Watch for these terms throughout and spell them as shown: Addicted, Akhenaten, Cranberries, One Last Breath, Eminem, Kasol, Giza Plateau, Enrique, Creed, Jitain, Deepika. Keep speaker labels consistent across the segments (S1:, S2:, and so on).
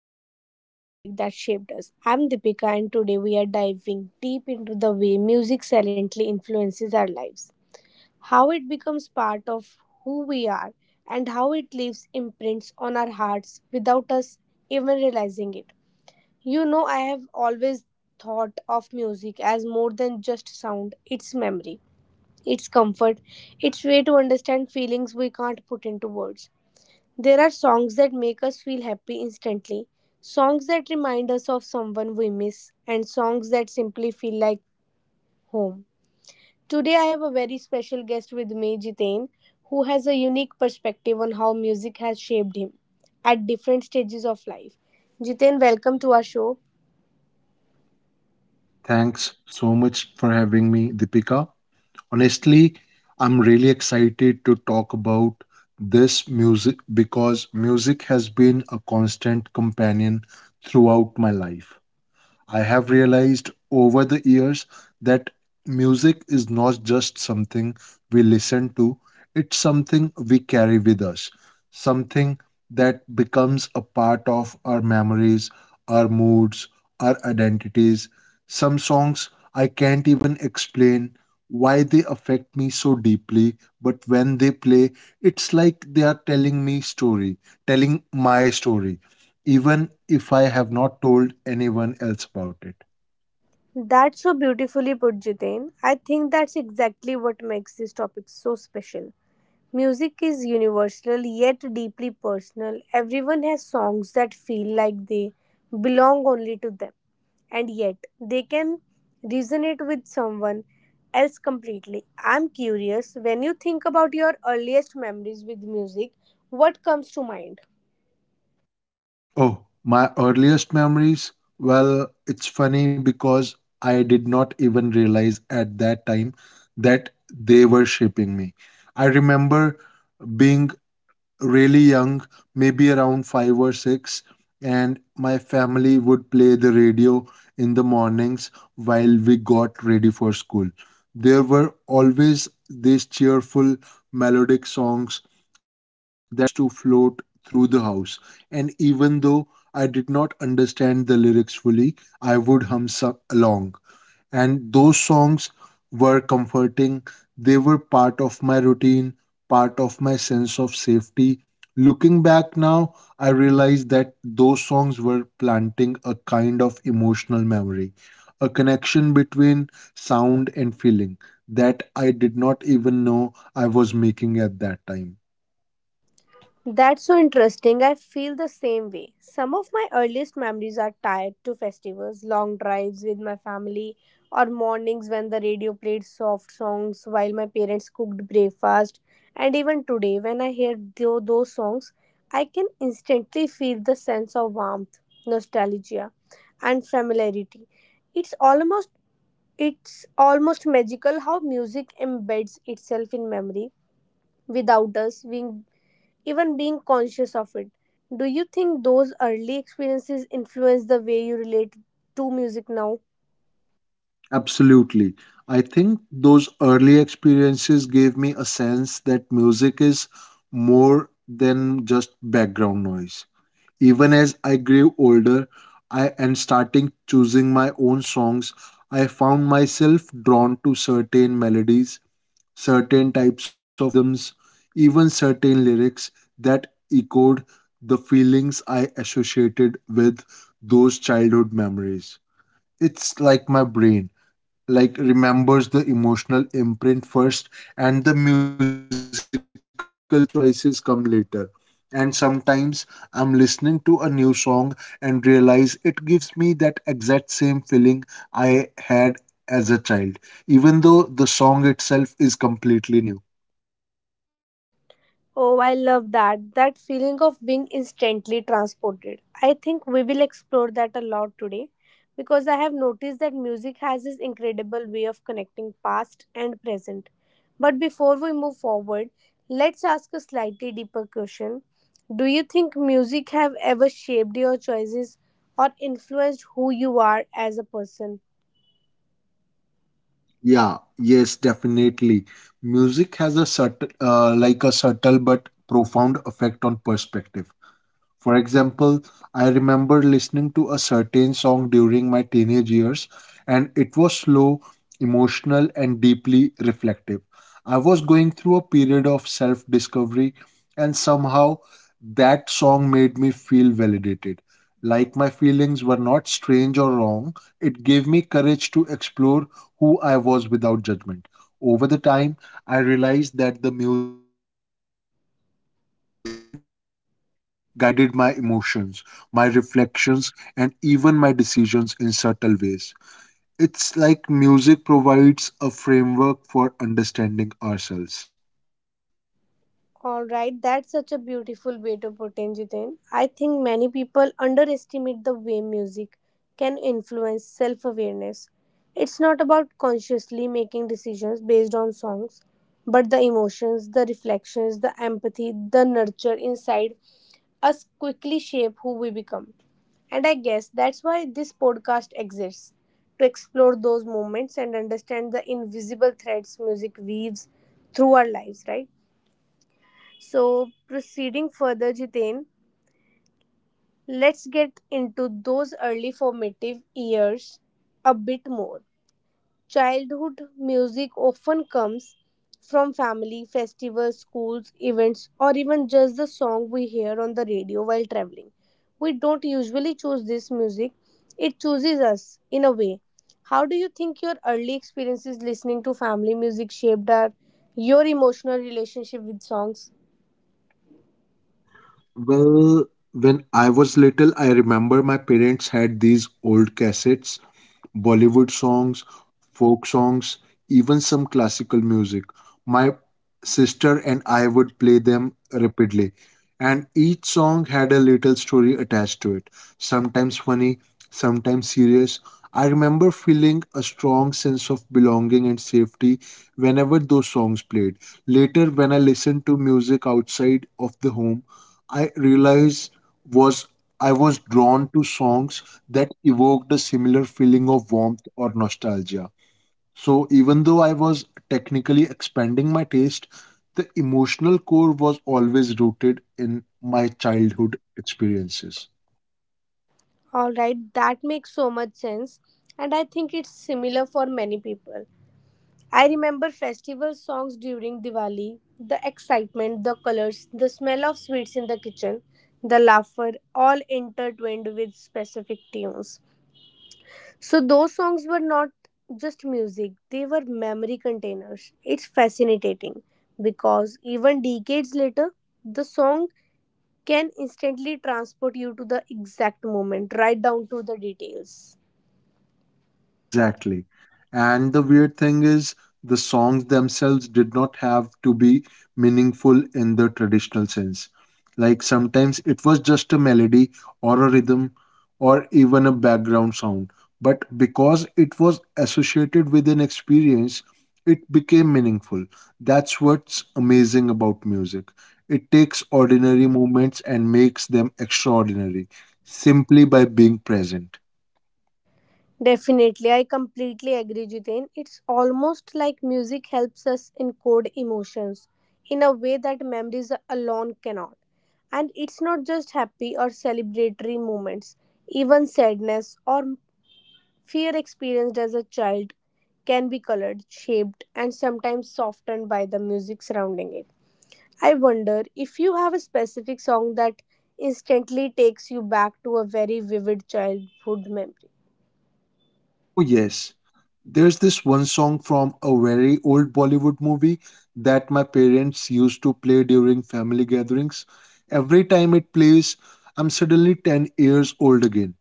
S1: episode of Music That Shaped Us. I'm Deepika, and today we are diving deep into the way music silently influences our lives, how it becomes part of who we are, and how it leaves imprints on our hearts without us even realizing it. You know, I have always thought of music as more than just sound, it's memory, it's comfort, it's way to understand feelings we can't put into words. There are songs that make us feel happy instantly, songs that remind us of someone we miss, and songs that simply feel like home. Today, I have a very special guest with me, Jitain, who has a unique perspective on how music has shaped him at different stages of life. Jitain, welcome to our show.
S2: Thanks so much for having me, Deepika. Honestly, I'm really excited to talk about this music because music has been a constant companion throughout my life. I have realized over the years that music is not just something we listen to, it's something we carry with us, something that becomes a part of our memories, our moods, our identities. Some songs I can't even explain why they affect me so deeply, but when they play, it's like they are telling me story, telling my story even if I have not told anyone else about it.
S1: That's so beautifully put, Jitain. I think that's exactly what makes this topic so special. Music is universal yet deeply personal. Everyone has songs that feel like they belong only to them, and yet they can resonate with someone else completely. I'm curious, when you think about your earliest memories with music, what comes to mind?
S2: Oh, my earliest memories? Well, it's funny because I did not even realize at that time that they were shaping me. I remember being really young, maybe around five or six, and my family would play the radio in the mornings while we got ready for school. There were always these cheerful, melodic songs that seems to float through the house. And even though I did not understand the lyrics fully, I would hum along. And those songs were comforting. They were part of my routine, part of my sense of safety. Looking back now, I realize that those songs were planting a kind of emotional memory, a connection between sound and feeling that I did not even know I was making at that time.
S1: That's so interesting. I feel the same way. Some of my earliest memories are tied to festivals, long drives with my family, or mornings when the radio played soft songs while my parents cooked breakfast. And even today, when I hear those songs, I can instantly feel the sense of warmth, nostalgia, and familiarity. It's almost it's almost magical how music embeds itself in memory without us being even being conscious of it. Do you think those early experiences influence the way you relate to music now?
S2: Absolutely. I think those early experiences gave me a sense that music is more than just background noise. Even as I grew older, I and starting choosing my own songs, I found myself drawn to certain melodies, certain types of rhythms, even certain lyrics that echoed the feelings I associated with those childhood memories. It's like my brain remembers the emotional imprint first and the musical choices come later. And sometimes I'm listening to a new song and realize it gives me that exact same feeling I had as a child, even though the song itself is completely new.
S1: Oh, I love that. That feeling of being instantly transported. I think we will explore that a lot today because I have noticed that music has this incredible way of connecting past and present. But before we move forward, let's ask a slightly deeper question. Do you think music have ever shaped your choices or influenced who you are as a person?
S2: Yeah yes, definitely. Music has a subtle but profound effect on perspective. For example, I remember listening to a certain song during my teenage years, and it was slow, emotional, and deeply reflective. I was going through a period of self discovery, and somehow that song made me feel validated. Like my feelings were not strange or wrong, it gave me courage to explore who I was without judgment. Over the time, I realized that the music I listened to often guided my emotions, my reflections, and even my decisions in subtle ways. It's like music provides a framework for understanding ourselves.
S1: All right, that's such a beautiful way to put in Jiten. I think many people underestimate the way music can influence self awareness. It's not about consciously making decisions based on songs, but the emotions, the reflections, the empathy, the nurture inside us quickly shape who we become. And I guess that's why this podcast exists to explore those moments and understand the invisible threads music weaves through our lives, right? So, proceeding further, Jiten, let's get into those early formative years a bit more. Childhood music often comes from family, festivals, schools, events, or even just the song we hear on the radio while traveling. We don't usually choose this music, it chooses us in a way. How do you think your early experiences listening to family music shaped your emotional relationship with songs?
S2: Well, when I was little, I remember my parents had these old cassettes, Bollywood songs, folk songs, even some classical music. My sister and I would play them rapidly, and each song had a little story attached to it, sometimes funny, sometimes serious. I remember feeling a strong sense of belonging and safety whenever those songs played. Later, when I listened to music outside of the home, I realized was I was drawn to songs that evoked a similar feeling of warmth or nostalgia. So even though I was technically expanding my taste, the emotional core was always rooted in my childhood experiences.
S1: All right, that makes so much sense. And I think it's similar for many people. I remember festival songs during Diwali, the excitement, the colors, the smell of sweets in the kitchen, the laughter, all intertwined with specific tunes. So those songs were not just music, they were memory containers. It's fascinating because even decades later, the song can instantly transport you to the exact moment, right down to the details.
S2: Exactly. And the weird thing is, the songs themselves did not have to be meaningful in the traditional sense. Like sometimes it was just a melody or a rhythm or even a background sound. But because it was associated with an experience, it became meaningful. That's what's amazing about music. It takes ordinary moments and makes them extraordinary simply by being present.
S1: Definitely, I completely agree, Jiten. It's almost like music helps us encode emotions in a way that memories alone cannot. And it's not just happy or celebratory moments, even sadness or fear experienced as a child can be colored, shaped, and sometimes softened by the music surrounding it. I wonder if you have a specific song that instantly takes you back to a very vivid childhood memory.
S2: Oh, yes. There's this one song from a very old Bollywood movie that my parents used to play during family gatherings. Every time it plays, I'm suddenly 10 years old again,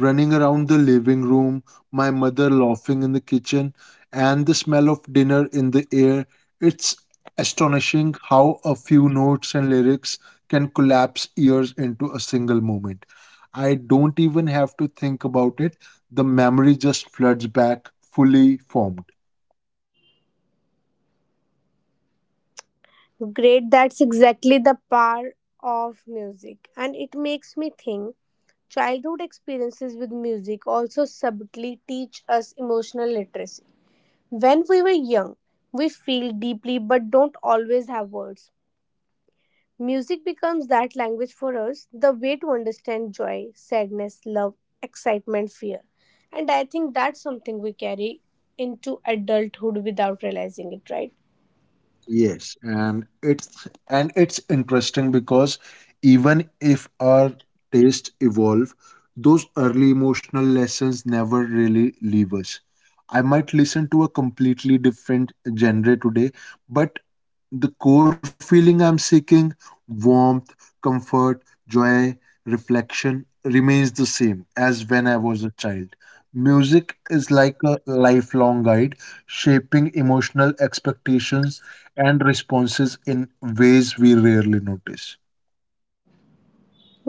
S2: running around the living room, my mother laughing in the kitchen, and the smell of dinner in the air. It's astonishing how a few notes and lyrics can collapse years into a single moment. I don't even have to think about it, the memory just floods back fully formed.
S1: Great, that's exactly the power of music. And it makes me think childhood experiences with music also subtly teach us emotional literacy. When we were young, we feel deeply but don't always have words. Music becomes that language for us, the way to understand joy, sadness, love, excitement, fear. And I think that's something we carry into adulthood without realizing it, right?
S2: Yes, and it's interesting because even if our tastes evolve, those early emotional lessons never really leave us. I might listen to a completely different genre today, but the core feeling I'm seeking, warmth, comfort, joy, reflection, remains the same as when I was a child. Music is like a lifelong guide, shaping emotional expectations and responses in ways we rarely notice.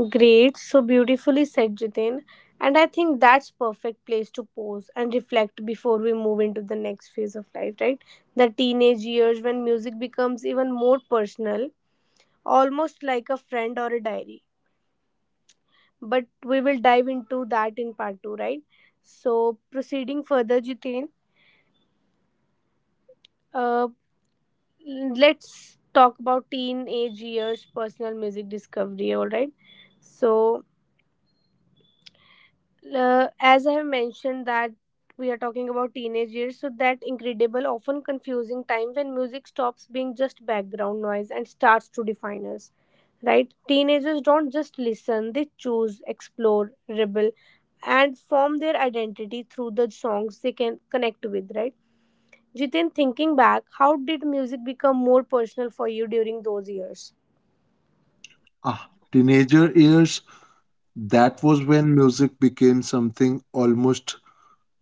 S1: Great, so beautifully said, Jitin. And I think that's perfect place to pause and reflect before we move into the next phase of life, right? The teenage years when music becomes even more personal, almost like a friend or a diary. But we will dive into that in part two, right? So proceeding further, Jitin, uh, let's talk about teenage years personal music discovery. All right, so, as I have mentioned that we are talking about teenage years, so that incredible, often confusing time when music stops being just background noise and starts to define us. Right? Teenagers don't just listen, they choose, explore, rebel, and form their identity through the songs they can connect with, right? Jitin, thinking back, how did music become more personal for you during those years?
S2: Ah, teenager years, that was when music became something almost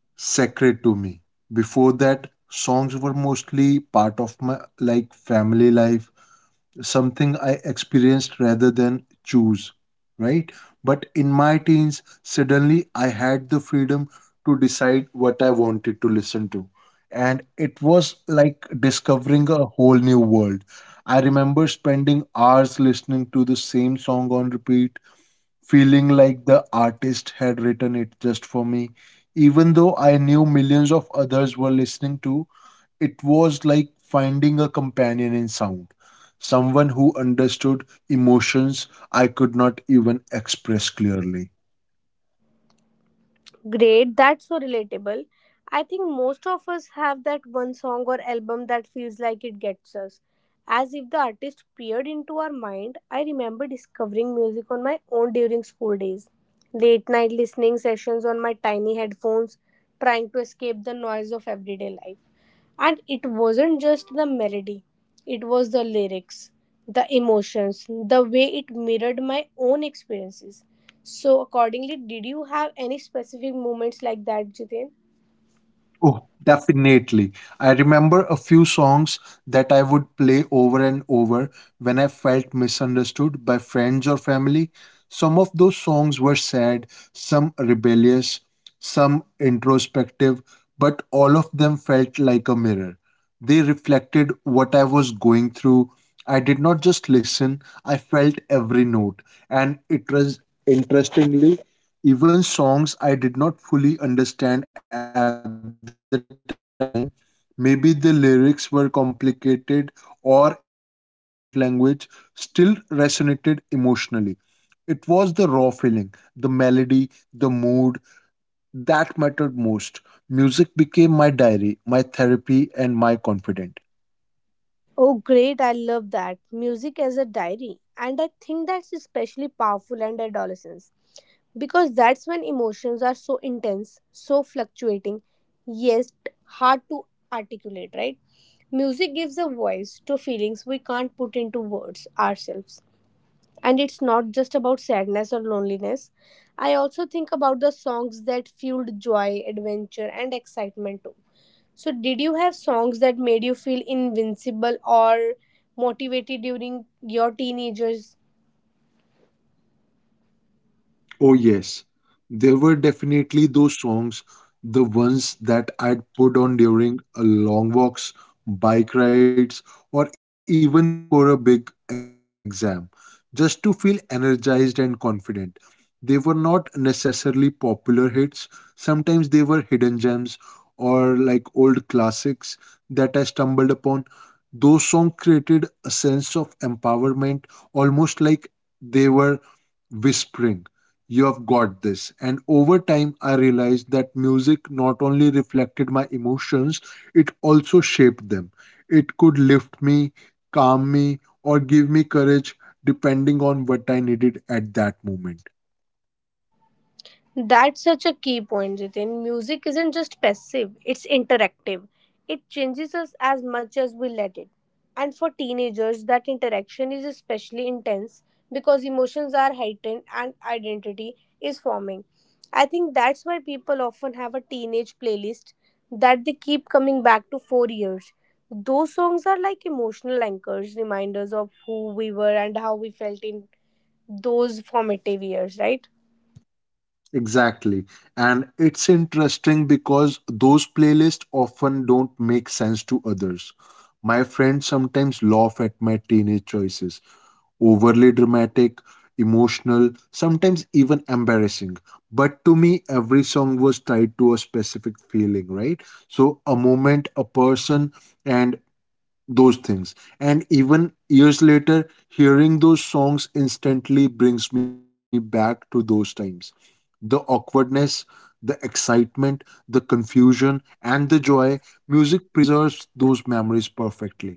S2: sacred to me. Before that, songs were mostly part of my family life, something I experienced rather than choose, right? But in my teens, suddenly I had the freedom to decide what I wanted to listen to. And it was like discovering a whole new world. I remember spending hours listening to the same song on repeat, feeling like the artist had written it just for me. Even though I knew millions of others were listening to, it was like finding a companion in sound, someone who understood emotions I could not even express clearly.
S1: Great, that's so relatable. I think most of us have that one song or album that feels like it gets us, as if the artist peered into our mind. I remember discovering music on my own during school days, late night listening sessions on my tiny headphones, trying to escape the noise of everyday life. And it wasn't just the melody, it was the lyrics, the emotions, the way it mirrored my own experiences. So, accordingly, did you have any specific moments like that, Jiten?
S2: Oh, definitely. I remember a few songs that I would play over and over when I felt misunderstood by friends or family. Some of those songs were sad, some rebellious, some introspective, but all of them felt like a mirror. They reflected what I was going through. I did not just listen, I felt every note. And it was interestingly, even songs I did not fully understand at the time, maybe the lyrics were complicated or in a different language, still resonated emotionally. It was the raw feeling, the melody, the mood that mattered most. Music became my diary, my therapy, and my confidant.
S1: Oh, great. I love that. Music as a diary. And I think that's especially powerful in adolescence. Because that's when emotions are so intense, so fluctuating, yes, hard to articulate, right? Music gives a voice to feelings we can't put into words ourselves. And it's not just about sadness or loneliness. I also think about the songs that fueled joy, adventure, and excitement too. So, did you have songs that made you feel invincible or motivated during your teenagers?
S2: Oh, yes. There were definitely those songs, the ones that I'd put on during a long walks, bike rides, or even before a big exam, just to feel energized and confident. They were not necessarily popular hits, sometimes they were hidden gems or like old classics that I stumbled upon. Those songs created a sense of empowerment, almost like they were whispering you have got this. And over time, I realized that music not only reflected my emotions, it also shaped them. It could lift me, calm me, or give me courage depending on what I needed at that moment.
S1: That's such a key point, Jitin. Music isn't just passive, it's interactive. It changes us as much as we let it. And for teenagers, that interaction is especially intense because emotions are heightened and identity is forming. I think that's why people often have a teenage playlist that they keep coming back to for years. Those songs are like emotional anchors, reminders of who we were and how we felt in those formative years, right?
S2: Exactly. And it's interesting because those playlists often don't make sense to others. My friends sometimes laugh at my teenage choices, overly dramatic, emotional, sometimes even embarrassing. But to me, every song was tied to a specific feeling, right? So, a moment, a person, and those things. And even years later, hearing those songs instantly brings me back to those times. The awkwardness, the excitement, the confusion, and the joy, music preserves those memories perfectly.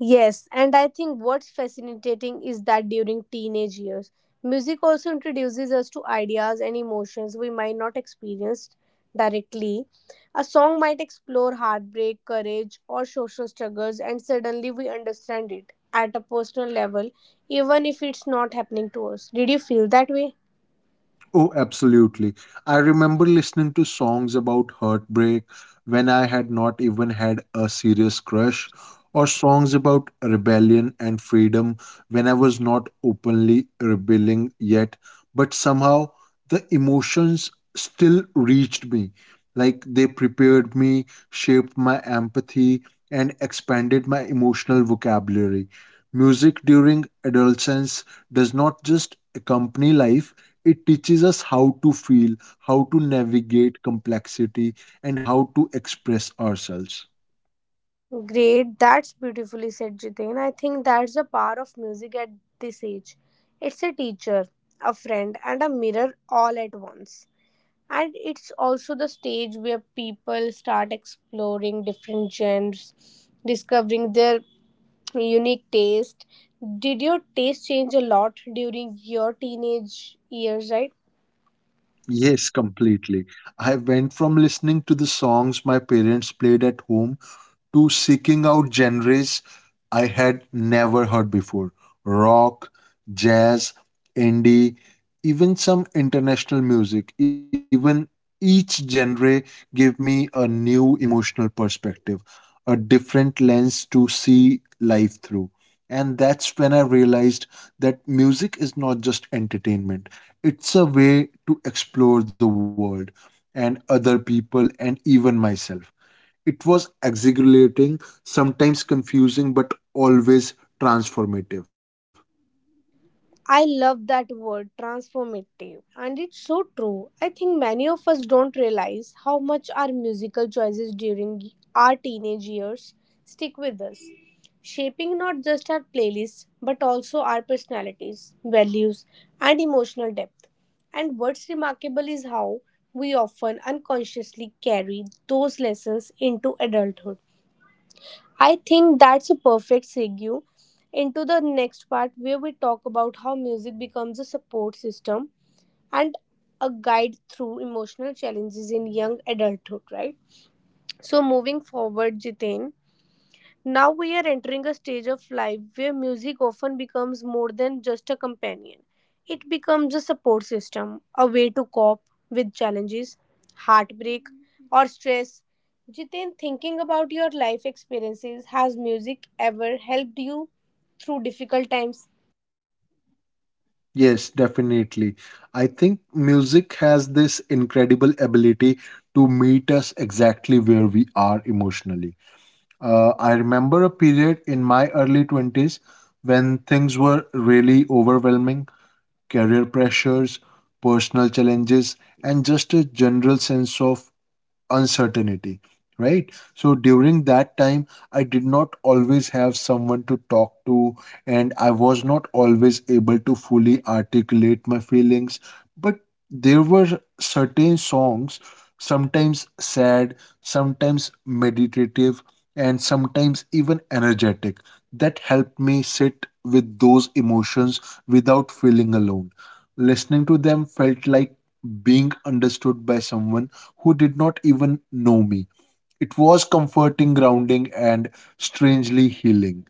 S1: Yes, and I think what's fascinating is that during teenage years, music also introduces us to ideas and emotions we might not experience directly. A song might explore heartbreak, courage, or social struggles, and suddenly we understand it at a personal level, even if it's not happening to us. Did you feel that way?
S2: Oh, absolutely. I remember listening to songs about heartbreak when I had not even had a serious crush, or songs about rebellion and freedom when I was not openly rebelling yet. But somehow the emotions still reached me. Like they prepared me, shaped my empathy, and expanded my emotional vocabulary. Music during adolescence does not just accompany life, it teaches us how to feel, how to navigate complexity, and how to express ourselves.
S1: Great, that's beautifully said, Jitain. I think that's the power of music at this age. It's a teacher, a friend, and a mirror all at once. And it's also the stage where people start exploring different genres, discovering their unique taste. Did your taste change a lot during your teenage years, right?
S2: Yes, completely. I went from listening to the songs my parents played at home to seeking out genres I had never heard before, rock, jazz, indie, even some international music. Even each genre gave me a new emotional perspective, a different lens to see life through. And that's when I realized that music is not just entertainment, it's a way to explore the world and other people and even myself. It was exhilarating, sometimes confusing, but always transformative.
S1: I love that word transformative, and it's so true. I think many of us don't realize how much our musical choices during our teenage years stick with us, shaping not just our playlists but also our personalities, values, and emotional depth. And what's remarkable is how we often unconsciously carry those lessons into adulthood. I think that's a perfect segue into the next part where we talk about how music becomes a support system and a guide through emotional challenges in young adulthood, right? So, moving forward, Jitain, now we are entering a stage of life where music often becomes more than just a companion. It becomes a support system, a way to cope with challenges, heartbreak, or stress. Jiten, thinking about your life experiences, has music ever helped you through difficult times?
S2: Yes, definitely. I think music has this incredible ability to meet us exactly where we are emotionally. I remember a period in my early 20s when things were really overwhelming. Career pressures, personal challenges, and just a general sense of uncertainty. Right, so during that time I did not always have someone to talk to, and I was not always able to fully articulate my feelings. But there were certain songs, sometimes sad, sometimes meditative, and sometimes even energetic, that helped me sit with those emotions without feeling alone. Listening to them felt like being understood by someone who did not even know me. It was comforting, grounding, and strangely healing.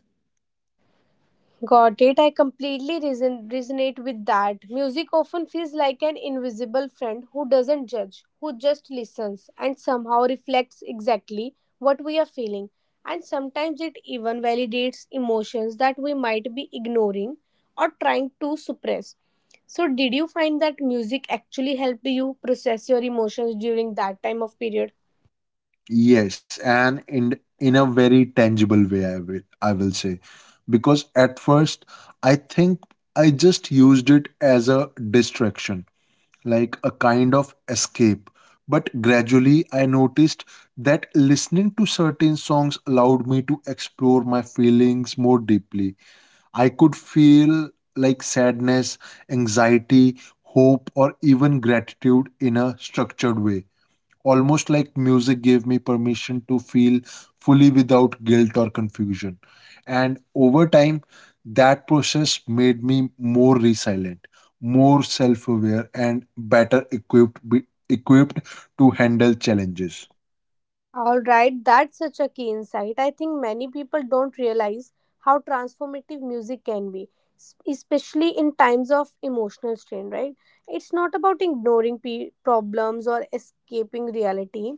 S1: Got it. I completely resonate with that. Music often feels like an invisible friend who doesn't judge, who just listens and somehow reflects exactly what we are feeling. And sometimes it even validates emotions that we might be ignoring or trying to suppress. So, did you find that music actually helped you process your emotions during that time of period?
S2: Yes, and in a very tangible way, I will say, because at first I think I just used it as a distraction, like a kind of escape. But gradually, I noticed that listening to certain songs allowed me to explore my feelings more deeply. I could feel sadness, anxiety, hope, or even gratitude in a structured way. Almost like music gave me permission to feel fully without guilt or confusion. And over time, that process made me more resilient, more self aware, and better equipped, equipped to handle challenges.
S1: All right, that's such a key insight. I think many people don't realize how transformative music can be, especially in times of emotional strain, right? It's not about ignoring problems or escaping reality,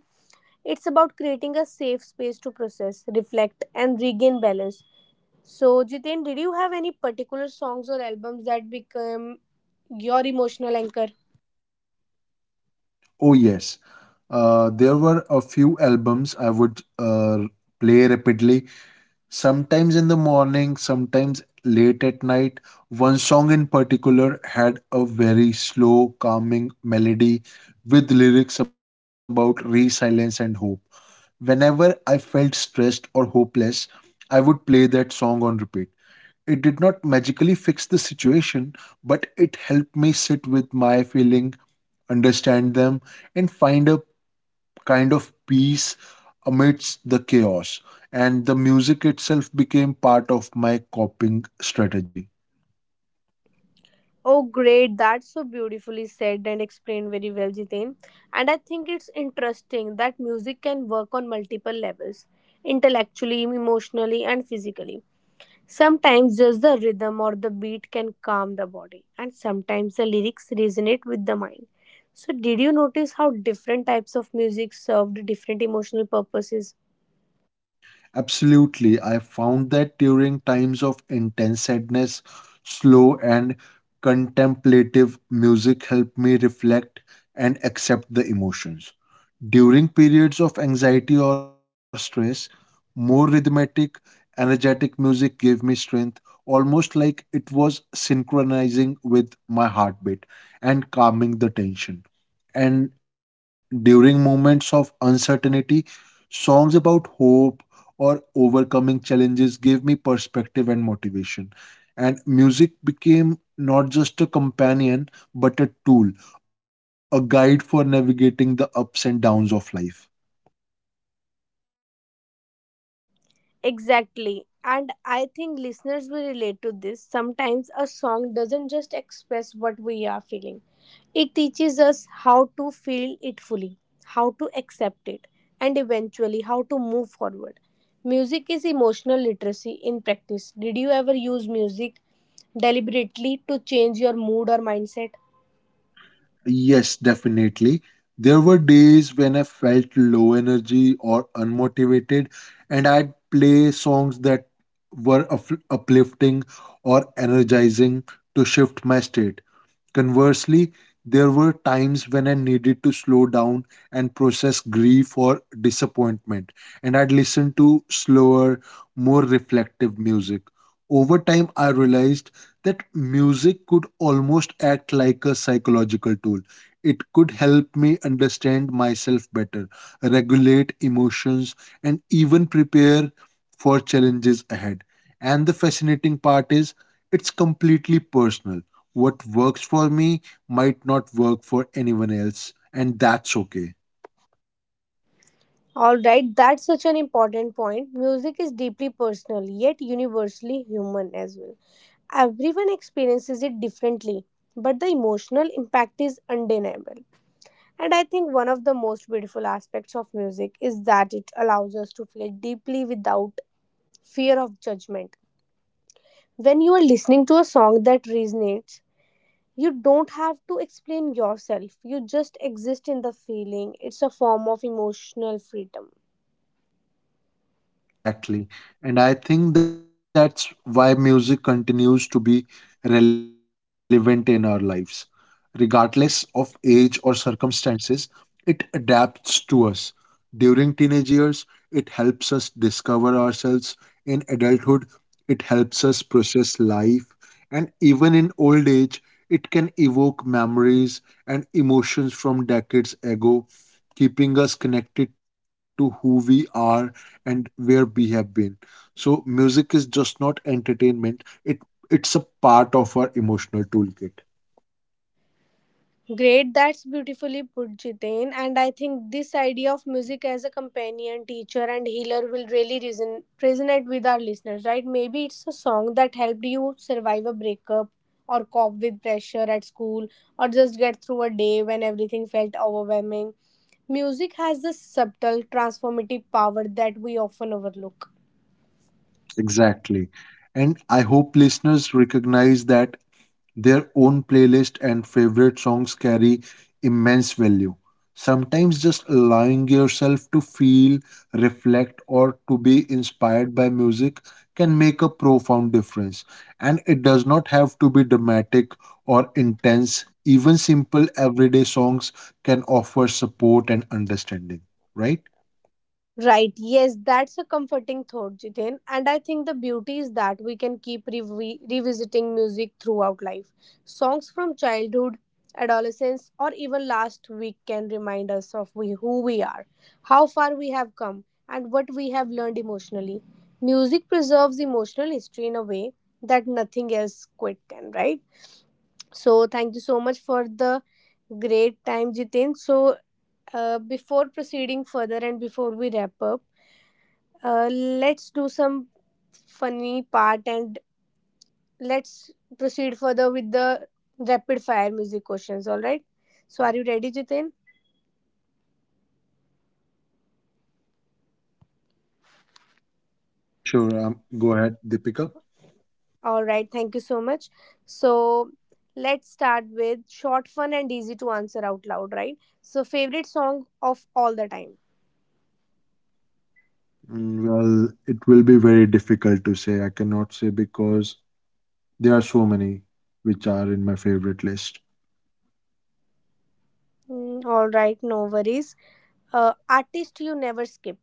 S1: it's about creating a safe space to process, reflect, and regain balance. So, Jiten, did you have any particular songs or albums that become your emotional anchor?
S2: Oh, yes. There were a few albums I would play rapidly. Sometimes in the morning, sometimes late at night. One song in particular had a very slow, calming melody with lyrics about resilience and hope. Whenever I felt stressed or hopeless, I would play that song on repeat. It did not magically fix the situation, but it helped me sit with my feeling, understand them, and find a kind of peace amidst the chaos. And the music itself became part of my coping strategy.
S1: Oh, great. That's so beautifully said and explained very well, Jitain. And I think it's interesting that music can work on multiple levels intellectually, emotionally, and physically. Sometimes just the rhythm or the beat can calm the body, and sometimes the lyrics resonate with the mind. So, did you notice how different types of music served different emotional purposes?
S2: Absolutely, I found that during times of intense sadness, slow and contemplative music helped me reflect and accept the emotions. During periods of anxiety or stress, more rhythmic, energetic music gave me strength, almost like it was synchronizing with my heartbeat and calming the tension. And during moments of uncertainty, songs about hope or overcoming challenges gave me perspective and motivation. And music became not just a companion, but a tool, a guide for navigating the ups and downs of life.
S1: Exactly. And I think listeners will relate to this. Sometimes a song doesn't just express what we are feeling, it teaches us how to feel it fully, how to accept it, and eventually how to move forward. Music is emotional literacy in practice. Did you ever use music deliberately to change your mood or mindset?
S2: Yes, definitely. There were days when I felt low energy or unmotivated, and I'd play songs that were uplifting or energizing to shift my state. Conversely, there were times when I needed to slow down and process grief or disappointment, and I'd listen to slower, more reflective music. Over time, I realized that music could almost act like a psychological tool. It could help me understand myself better, regulate emotions, and even prepare for challenges ahead. And the fascinating part is, it's completely personal. What works for me might not work for anyone else, and that's okay.
S1: All right, that's such an important point. Music is deeply personal, yet universally human as well. Everyone experiences it differently, but the emotional impact is undeniable. And I think one of the most beautiful aspects of music is that it allows us to feel deeply without fear of judgment. When you are listening to a song that resonates, you don't have to explain yourself. You just exist in the feeling. It's a form of emotional freedom.
S2: Exactly. And I think that's why music continues to be relevant in our lives. Regardless of age or circumstances, it adapts to us. During teenage years, it helps us discover ourselves. In adulthood, it helps us process life. And even in old age, it can evoke memories and emotions from decades ago, keeping us connected to who we are and where we have been. So music is just not entertainment, it's a part of our emotional toolkit.
S1: Great, that's beautifully put, Jiten. And I think this idea of music as a companion, teacher, and healer will really resonate with our listeners, right? Maybe it's a song that helped you survive a breakup or cope with pressure at school or just get through a day when everything felt overwhelming. Music has this subtle transformative power that we often overlook.
S2: Exactly. And I hope listeners recognize that their own playlist and favorite songs carry immense value. Sometimes just allowing yourself to feel, reflect, or to be inspired by music can make a profound difference. And it does not have to be dramatic or intense. Even simple everyday songs can offer support and understanding, right?
S1: Right, yes, that's a comforting thought, Jiten. And I think the beauty is that we can keep revisiting music throughout life. Songs from childhood, adolescence, or even last week can remind us of who we are, how far we have come, and what we have learned emotionally. Music preserves emotional history in a way that nothing else quite can, right? So, thank you so much for the great time, Jiten. So, before proceeding further and before we wrap up, let's do some funny part and let's proceed further with the rapid fire music questions. All right. So, are you ready, Jitin?
S2: Yeah, sure. Go ahead, Deepika.
S1: All right. Thank you so much. So, let's start with short, fun, and easy to answer out loud. Right. So, favorite song of all the time.
S2: Mm, well, it will be very difficult to say. I cannot say because there are so many which are in my favorite list.
S1: Mm, all right. No worries. Artist you never skip.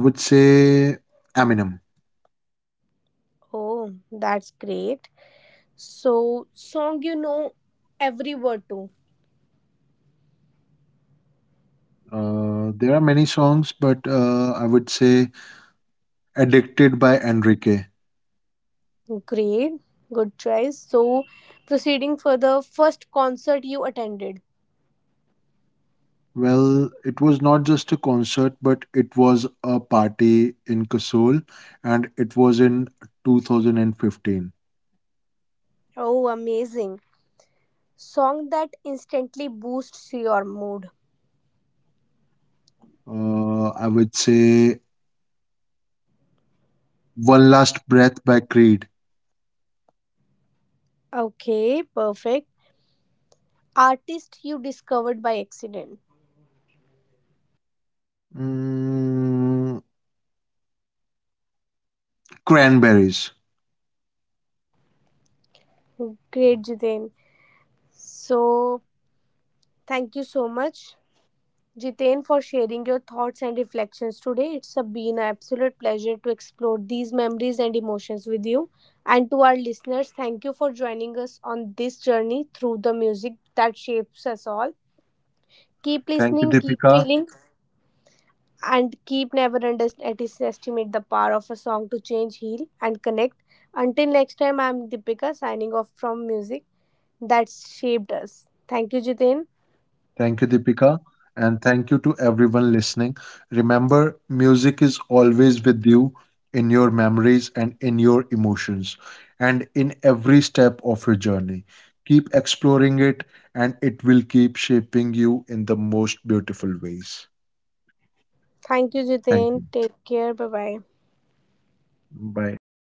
S2: I would say Eminem.
S1: Oh, that's great. So, song you know every word to.
S2: There are many songs, but I would say Addicted by Enrique.
S1: Great, good choice. So, proceeding for the first concert you attended.
S2: Well, it was not just a concert, but it was a party in Kasol, and it was in 2015.
S1: Oh, amazing. Song that instantly boosts your mood.
S2: I would say One Last Breath by Creed.
S1: Okay, perfect. Artist you discovered by accident.
S2: Mm, Cranberries.
S1: Great, Jiten. So, thank you so much. Jitain, for sharing your thoughts and reflections today. It's a been an absolute pleasure to explore these memories and emotions with you. And to our listeners, thank you for joining us on this journey through the music that shapes us all. Keep
S2: Thank you,
S1: listening, keep
S2: Deepika.
S1: feeling, and keep never underestimate the power of a song to change, heal, and connect. Until next time, I'm Deepika signing off from music that shaped us. Thank you, Jitain.
S2: Thank you, Deepika. And thank you to everyone listening. Remember, music is always with you, in your memories and in your emotions and in every step of your journey. Keep exploring it, and it will keep shaping you in the most beautiful ways.
S1: Thank you, Jitain.
S2: Thank you.
S1: Take care. Bye bye.
S2: Bye.